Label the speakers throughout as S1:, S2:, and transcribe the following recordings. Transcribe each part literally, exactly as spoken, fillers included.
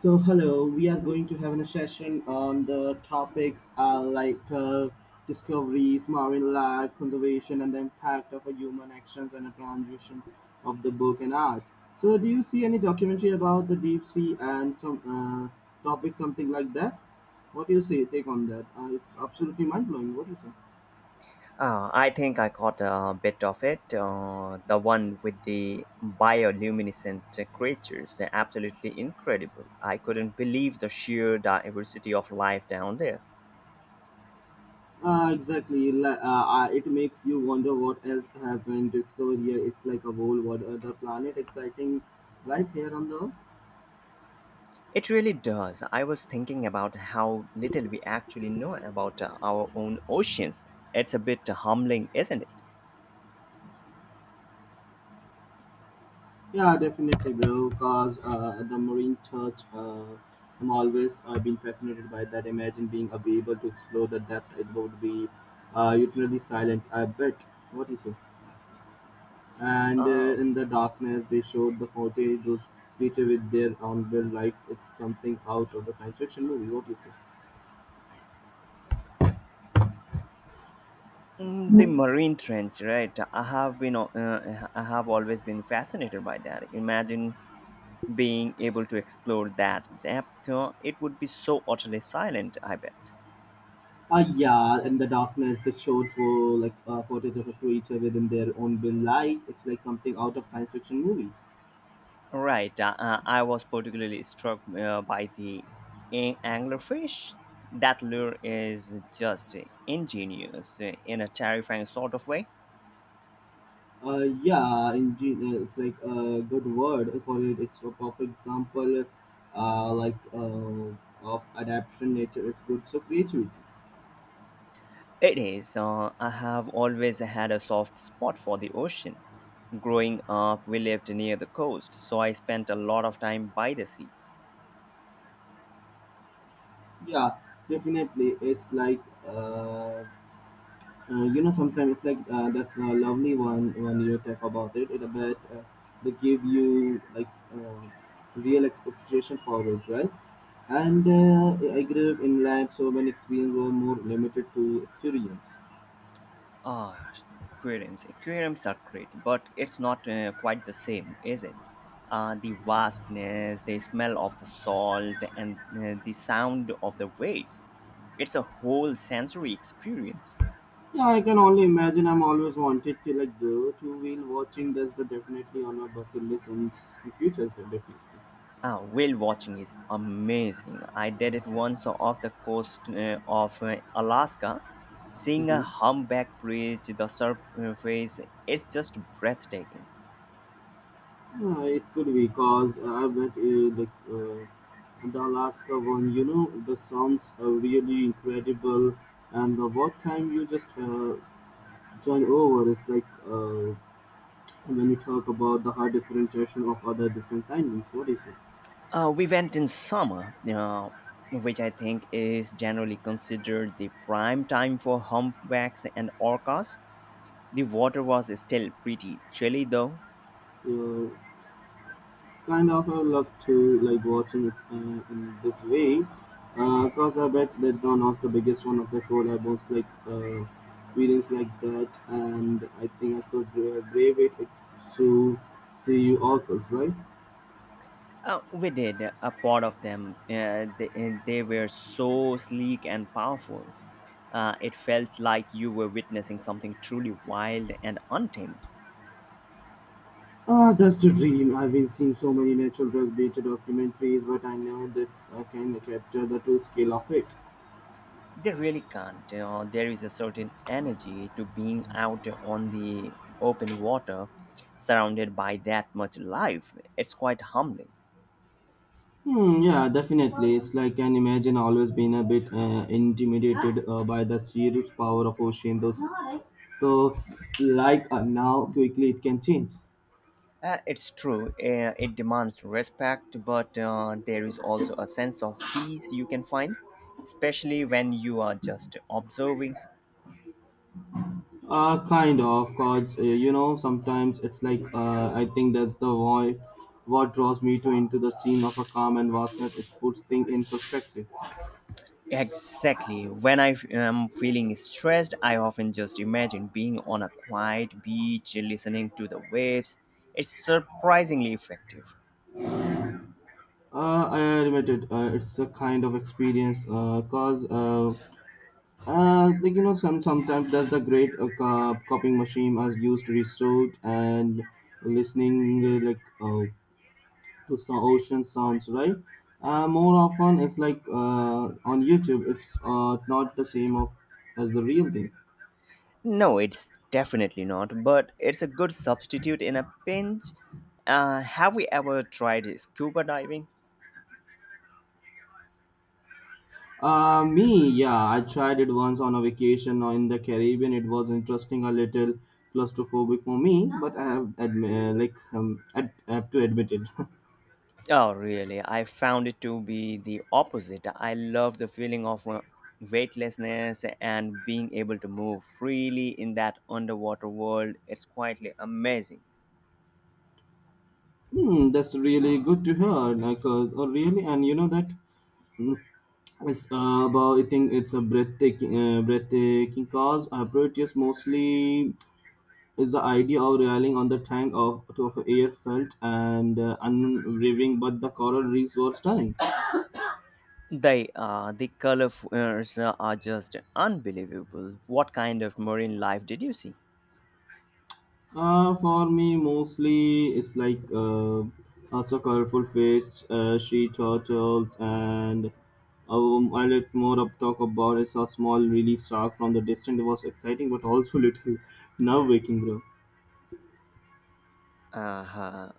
S1: So hello, we are going to have a session on the topics uh, like uh, discoveries, marine life, conservation, and the impact of a human actions and a transition of the book and art. So do you see any documentary about the deep sea and some uh, topic something like that? What do you say? Take on that. Uh, it's absolutely mind blowing. What do you say?
S2: Uh, I think I caught a bit of it. Uh, the one with the bioluminescent creatures, they're absolutely incredible. I couldn't believe the sheer diversity of life down there.
S1: Uh, exactly. Li- Uh, uh, it makes you wonder what else have been discovered here. It's like a whole what other planet, exciting, right here on the Earth.
S2: It really does. I was thinking about how little we actually know about uh, our own oceans. It's a bit humbling, isn't it?
S1: Yeah, definitely, bro. Cause uh, the marine church, uh, I'm always uh, been fascinated by that. Imagine being uh, be able to explore the depth. It would be uh, utterly silent. I bet. What is it? And uh,
S2: Um,
S1: in the darkness, they showed the footage. Those creature with their own will lights. It's something out of the science fiction movie. What do you say?
S2: mm, the marine trench, right? I have been, uh, I have always been fascinated by that. Imagine being able to explore that depth, uh, it would be so utterly silent, I bet.
S1: Uh, yeah, in the darkness, the shots were like uh, footage of a creature within their own will light. It's like something out of science fiction movies.
S2: Right, uh, uh, I was particularly struck uh, by the a- anglerfish. That lure is just ingenious uh, in a terrifying sort of way.
S1: Uh, yeah, indeed, uh, it's like a good word for it. It's a perfect example, uh, like uh, of adaptation. Nature is good, so creativity.
S2: It is. Uh, I have always had a soft spot for the ocean. Growing up, we lived near the coast, so I spent a lot of time by the sea.
S1: Yeah, definitely. It's like uh, uh, you know, sometimes it's like uh, that's a lovely one when you talk about it. It about uh, they give you like uh, real expectation for it, right? And uh, I grew up in land, so when experience were more limited to experience.
S2: Ah, aquariums. Aquariums are great, but it's not uh, quite the same, is it? Uh, the vastness, the smell of the salt, and uh, the sound of the waves. It's a whole sensory experience.
S1: Yeah, I can only imagine. I'm always wanted to like go two wheel watching. That's the definitely on my bucket list in s- in future, so definitely.
S2: Ah, whale watching is amazing. I did it once off the coast uh, of uh, Alaska. Seeing a
S1: Hmm.
S2: humpback bridge the surface, it's just breathtaking.
S1: Yeah, it could be because I bet uh, like uh, the Alaska one. You know, the sounds are really incredible, and the what time you just uh, join over is like uh, when you talk about the hard differentiation of other different islands. What do you say?
S2: Uh, we went in summer, uh, which I think is generally considered the prime time for humpbacks and orcas. The water was still pretty chilly though.
S1: Yeah, kind of, I would love to like watching it uh, in this way, because I bet that Don was the biggest one of the core I was like uh, experienced like that, and I think I could uh, brave it like, to see you orcas, right?
S2: Uh, we did a pot of them. Uh, they, and they were so sleek and powerful. Uh, it felt like you were witnessing something truly wild and untamed.
S1: Ah, that's the dream. I've been seeing so many natural related documentaries, but I know that I can capture the true scale of it.
S2: They really can't. You know, there is a certain energy to being out on the open water, surrounded by that much life. It's quite humbling.
S1: Hmm, yeah, definitely. It's like an imagine always been a bit uh, intimidated uh, by the sheer power of ocean. Those, so like uh, now, quickly it can change.
S2: Uh, it's true. Uh, it demands respect, but uh, there is also a sense of peace you can find, especially when you are just observing.
S1: Uh, kind of, cause uh, you know sometimes it's like uh, I think that's the void what draws me to into the scene of a calm and vastness. It puts things in perspective.
S2: Exactly. When I f- am feeling stressed, I often just imagine being on a quiet beach, listening to the waves. It's surprisingly effective.
S1: Uh, I admit it. Uh, it's a kind of experience. Uh, cause uh, Uh, like you know, some sometimes that's the great uh, co- copying machine as used to restore and listening uh, like uh, to some ocean sounds, right? Uh, more often it's like uh, on YouTube, it's uh, not the same of as the real thing.
S2: No, it's definitely not, but it's a good substitute in a pinch. Uh, have we ever tried scuba diving?
S1: Uh, me, yeah, I tried it once on a vacation in the Caribbean. It was interesting, a little claustrophobic for me, but I have admi- uh, like um, I have to admit it.
S2: Oh, really? I found it to be the opposite. I love the feeling of uh, weightlessness and being able to move freely in that underwater world. It's quietly amazing.
S1: Hmm, that's really good to hear. Like, uh, uh, really, and you know that mm, it's uh, about. I think it's a breathtaking, uh, breathtaking cause. Uh, Proteus mostly is the idea of relying on the tank of to of air felt and uh, unraving, but the coral reefs were stunning.
S2: They uh, the colors are just unbelievable. What kind of marine life did you see?
S1: Uh, for me, mostly it's like uh, lots of colorful fish, uh, sea turtles, and um, I let more up talk about is a small relief shark from the distance. It was exciting, but also little nerve waking, bro.
S2: Uh-huh.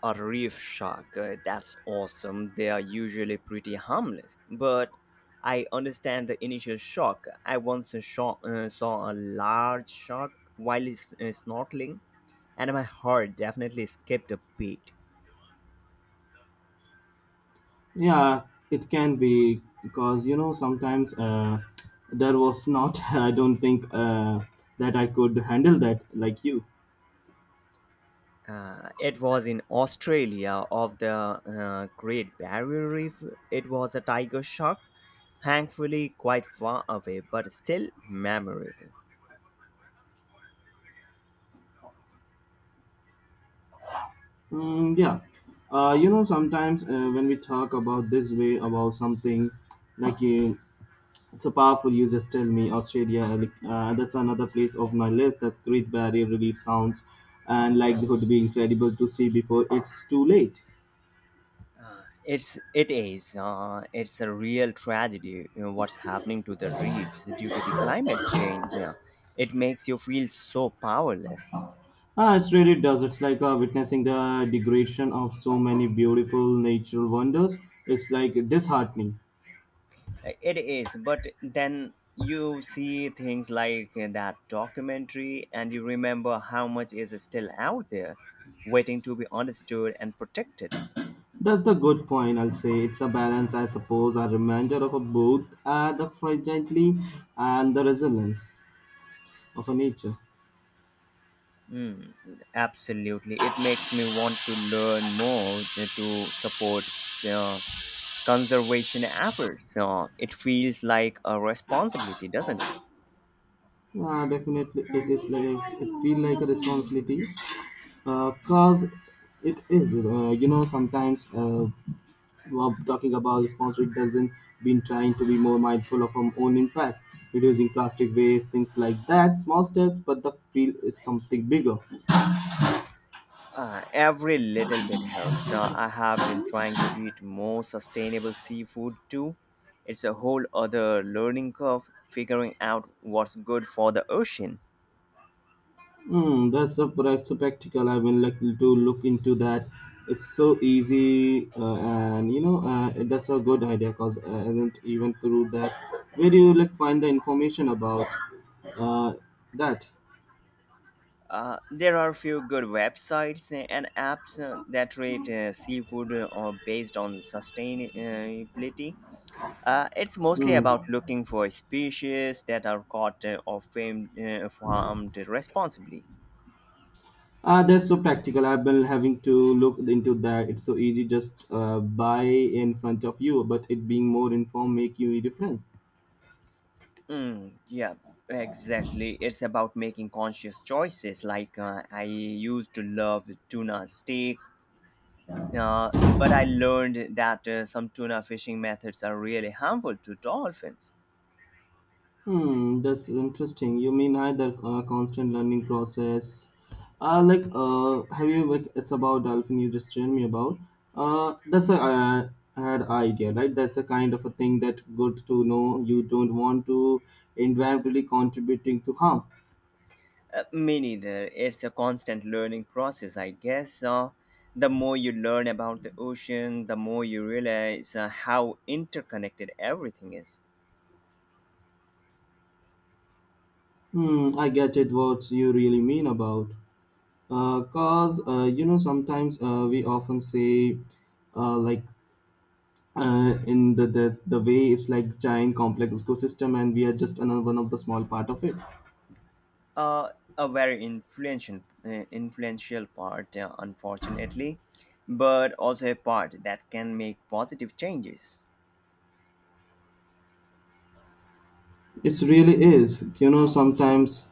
S2: A reef shark, uh, that's awesome. They are usually pretty harmless, but I understand the initial shock. I once saw, uh, saw a large shark while s- uh, snorkeling, and my heart definitely skipped a beat.
S1: Yeah, it can be because you know sometimes uh, there was not. I don't think uh, that I could handle that like you.
S2: Uh, it was in Australia of the uh, Great Barrier Reef. It was a tiger shark, thankfully quite far away, but still memorable.
S1: Mm, yeah. Uh, you know, sometimes uh, when we talk about this way about something, like you, it's a powerful. You just tell me Australia. Like, uh, that's another place of my list. That's Great Barrier Reef sounds, and like would be incredible to see before it's too late.
S2: Uh, it's it is uh, it's a real tragedy, you know, what's happening to the reefs due to the climate change, yeah. It makes you feel so powerless.
S1: Ah, it really does. It's like uh, witnessing the degradation of so many beautiful natural wonders. It's like disheartening.
S2: Uh, it is, but then you see things like that documentary and you remember how much is still out there waiting to be understood and protected.
S1: That's the good point, I'll say. It's a balance, I suppose, a reminder of a both uh, the fragility and the resilience of a nature.
S2: Mm, absolutely. It makes me want to learn more, uh, to support uh, conservation efforts. Uh, it feels like a responsibility, doesn't it?
S1: Yeah, definitely, it is like it feel like a responsibility, uh, cause it is. Uh, you know, sometimes uh, while talking about responsibility doesn't been trying to be more mindful of our own impact, reducing plastic waste, things like that. Small steps, but the feel is something bigger.
S2: Uh, every little bit helps. Uh, I have been trying to eat more sustainable seafood too. It's a whole other learning curve figuring out what's good for the ocean.
S1: Hmm, that's so, prac- so practical. I will like to look into that. It's so easy, uh, and you know uh, that's a good idea. Cause uh, I didn't even through that. Where do you like find the information about uh, that?
S2: Uh, there are a few good websites and apps uh, that rate uh, seafood uh, based on sustainability. Uh, it's mostly
S1: Hmm.
S2: about looking for species that are caught uh, or famed, uh, farmed responsibly.
S1: Ah, that's so practical. I've been having to look into that. It's so easy, just uh, buy in front of you, but it being more informed make you a difference.
S2: Mm, yeah, exactly. It's about making conscious choices. Like uh, I used to love tuna steak, uh, but I learned that uh, some tuna fishing methods are really harmful to dolphins.
S1: Hmm, that's interesting. You mean either uh, constant learning process, uh, like uh, have you like it's about dolphin you just told me about. Uh, that's a uh, had idea, right? That's a kind of a thing that good to know. You don't want to indirectly contributing to harm.
S2: Uh, me neither. It's a constant learning process, I guess. Uh, the more you learn about the ocean, the more you realize uh, how interconnected everything is.
S1: Hmm, I get it. What you really mean about? Uh, cause uh, you know sometimes uh, we often say uh, like uh, in the, the the way it's like giant complex ecosystem and we are just another one of the small part of it.
S2: Uh, a very influential, uh, influential part, uh, unfortunately, but also a part that can make positive changes.
S1: It's really is you know sometimes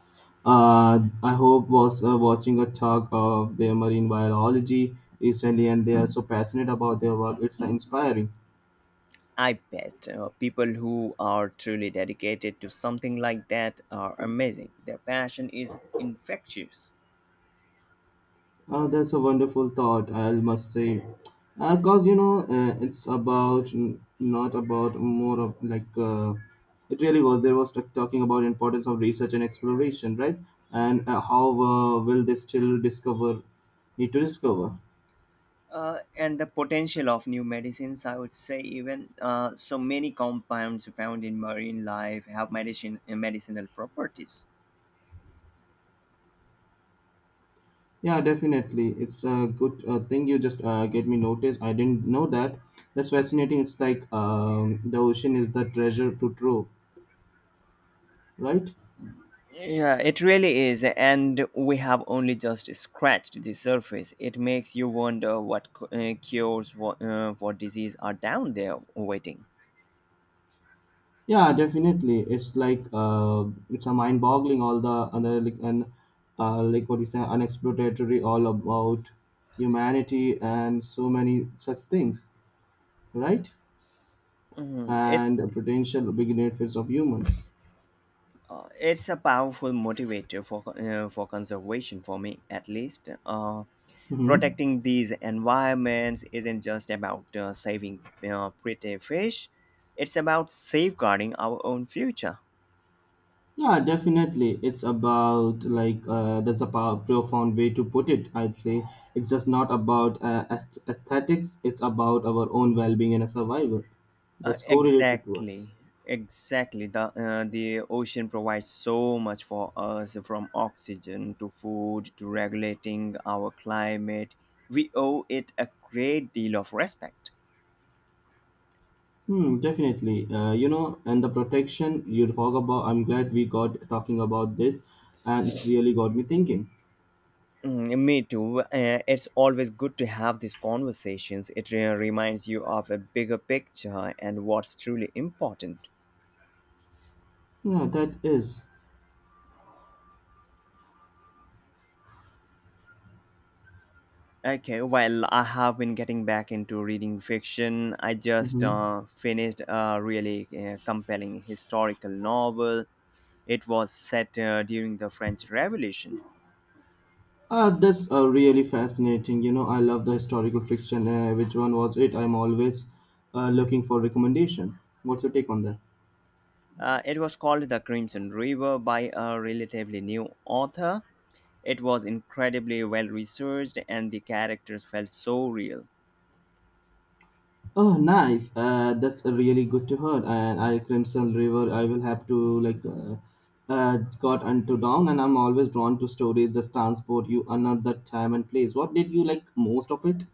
S1: uh, I hope was uh, watching a talk of their marine biology recently and they are so passionate about their work. It's inspiring.
S2: I bet uh, people who are truly dedicated to something like that are amazing. Their passion is infectious.
S1: Uh, that's a wonderful thought, I must say. Because, you know, uh, it's about, n- not about more of like, uh, it really was. There was t- talking about importance of research and exploration, right? And uh, how uh, will they still discover, need to discover?
S2: Uh, and the potential of new medicines, I would say. Even uh, so many compounds found in marine life have medicine medicinal properties.
S1: Yeah, definitely. It's a good uh, thing you just uh, get me noticed. I didn't know that. That's fascinating. It's like um, the ocean is the treasure to trove, right?
S2: Yeah, it really is, and we have only just scratched the surface. It makes you wonder what cu- uh, cures for, uh, for disease are down there waiting.
S1: Yeah, definitely. It's like uh, it's a mind-boggling all the other like and uh, like what you say unexplored territory all about humanity and so many such things, right?
S2: Mhm.
S1: And
S2: It
S1: the potential big benefits of humans.
S2: Uh, it's a powerful motivator for, uh, for conservation, for me at least. Uh,
S1: Hmm.
S2: protecting these environments isn't just about uh, saving uh, pretty fish, it's about safeguarding our own future.
S1: Yeah, definitely. It's about like uh, that's a pow- profound way to put it. I'd say it's just not about uh, aesth- aesthetics. It's about our own well-being and survival
S2: uh,
S1: that's correlated to us.
S2: exactly exactly. The uh, the ocean provides so much for us, from oxygen to food to regulating our climate. We owe it a great deal of respect.
S1: Hmm, definitely. Uh, you know, and the protection you talk about, I'm glad we got talking about this, and it's really got me thinking.
S2: Mm, me too. Uh, it's always good to have these conversations. It re- reminds you of a bigger picture and what's truly important.
S1: Yeah, that is.
S2: Okay, well, I have been getting back into reading fiction. I just
S1: Mm-hmm.
S2: uh, finished a really uh, compelling historical novel. It was set uh, during the French Revolution.
S1: Uh, that's uh, really fascinating. You know, I love the historical fiction. Uh, which one was it? I'm always uh, looking for recommendation. What's your take on that?
S2: Uh, it was called The Crimson River, by a relatively new author. It was incredibly well researched, and the characters felt so real.
S1: Oh, nice. Uh, that's really good to hear. And I Crimson River, I will have to like uh, uh, got into down, and I'm always drawn to stories that transport you another time and place. What did you like most of it?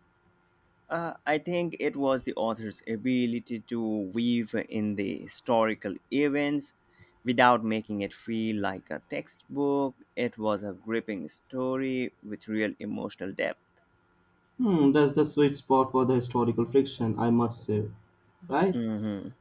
S2: Uh, I think it was the author's ability to weave in the historical events without making it feel like a textbook. It was a gripping story with real emotional depth.
S1: Hmm, that's the sweet spot for the historical fiction, I must say, right?
S2: Mhm.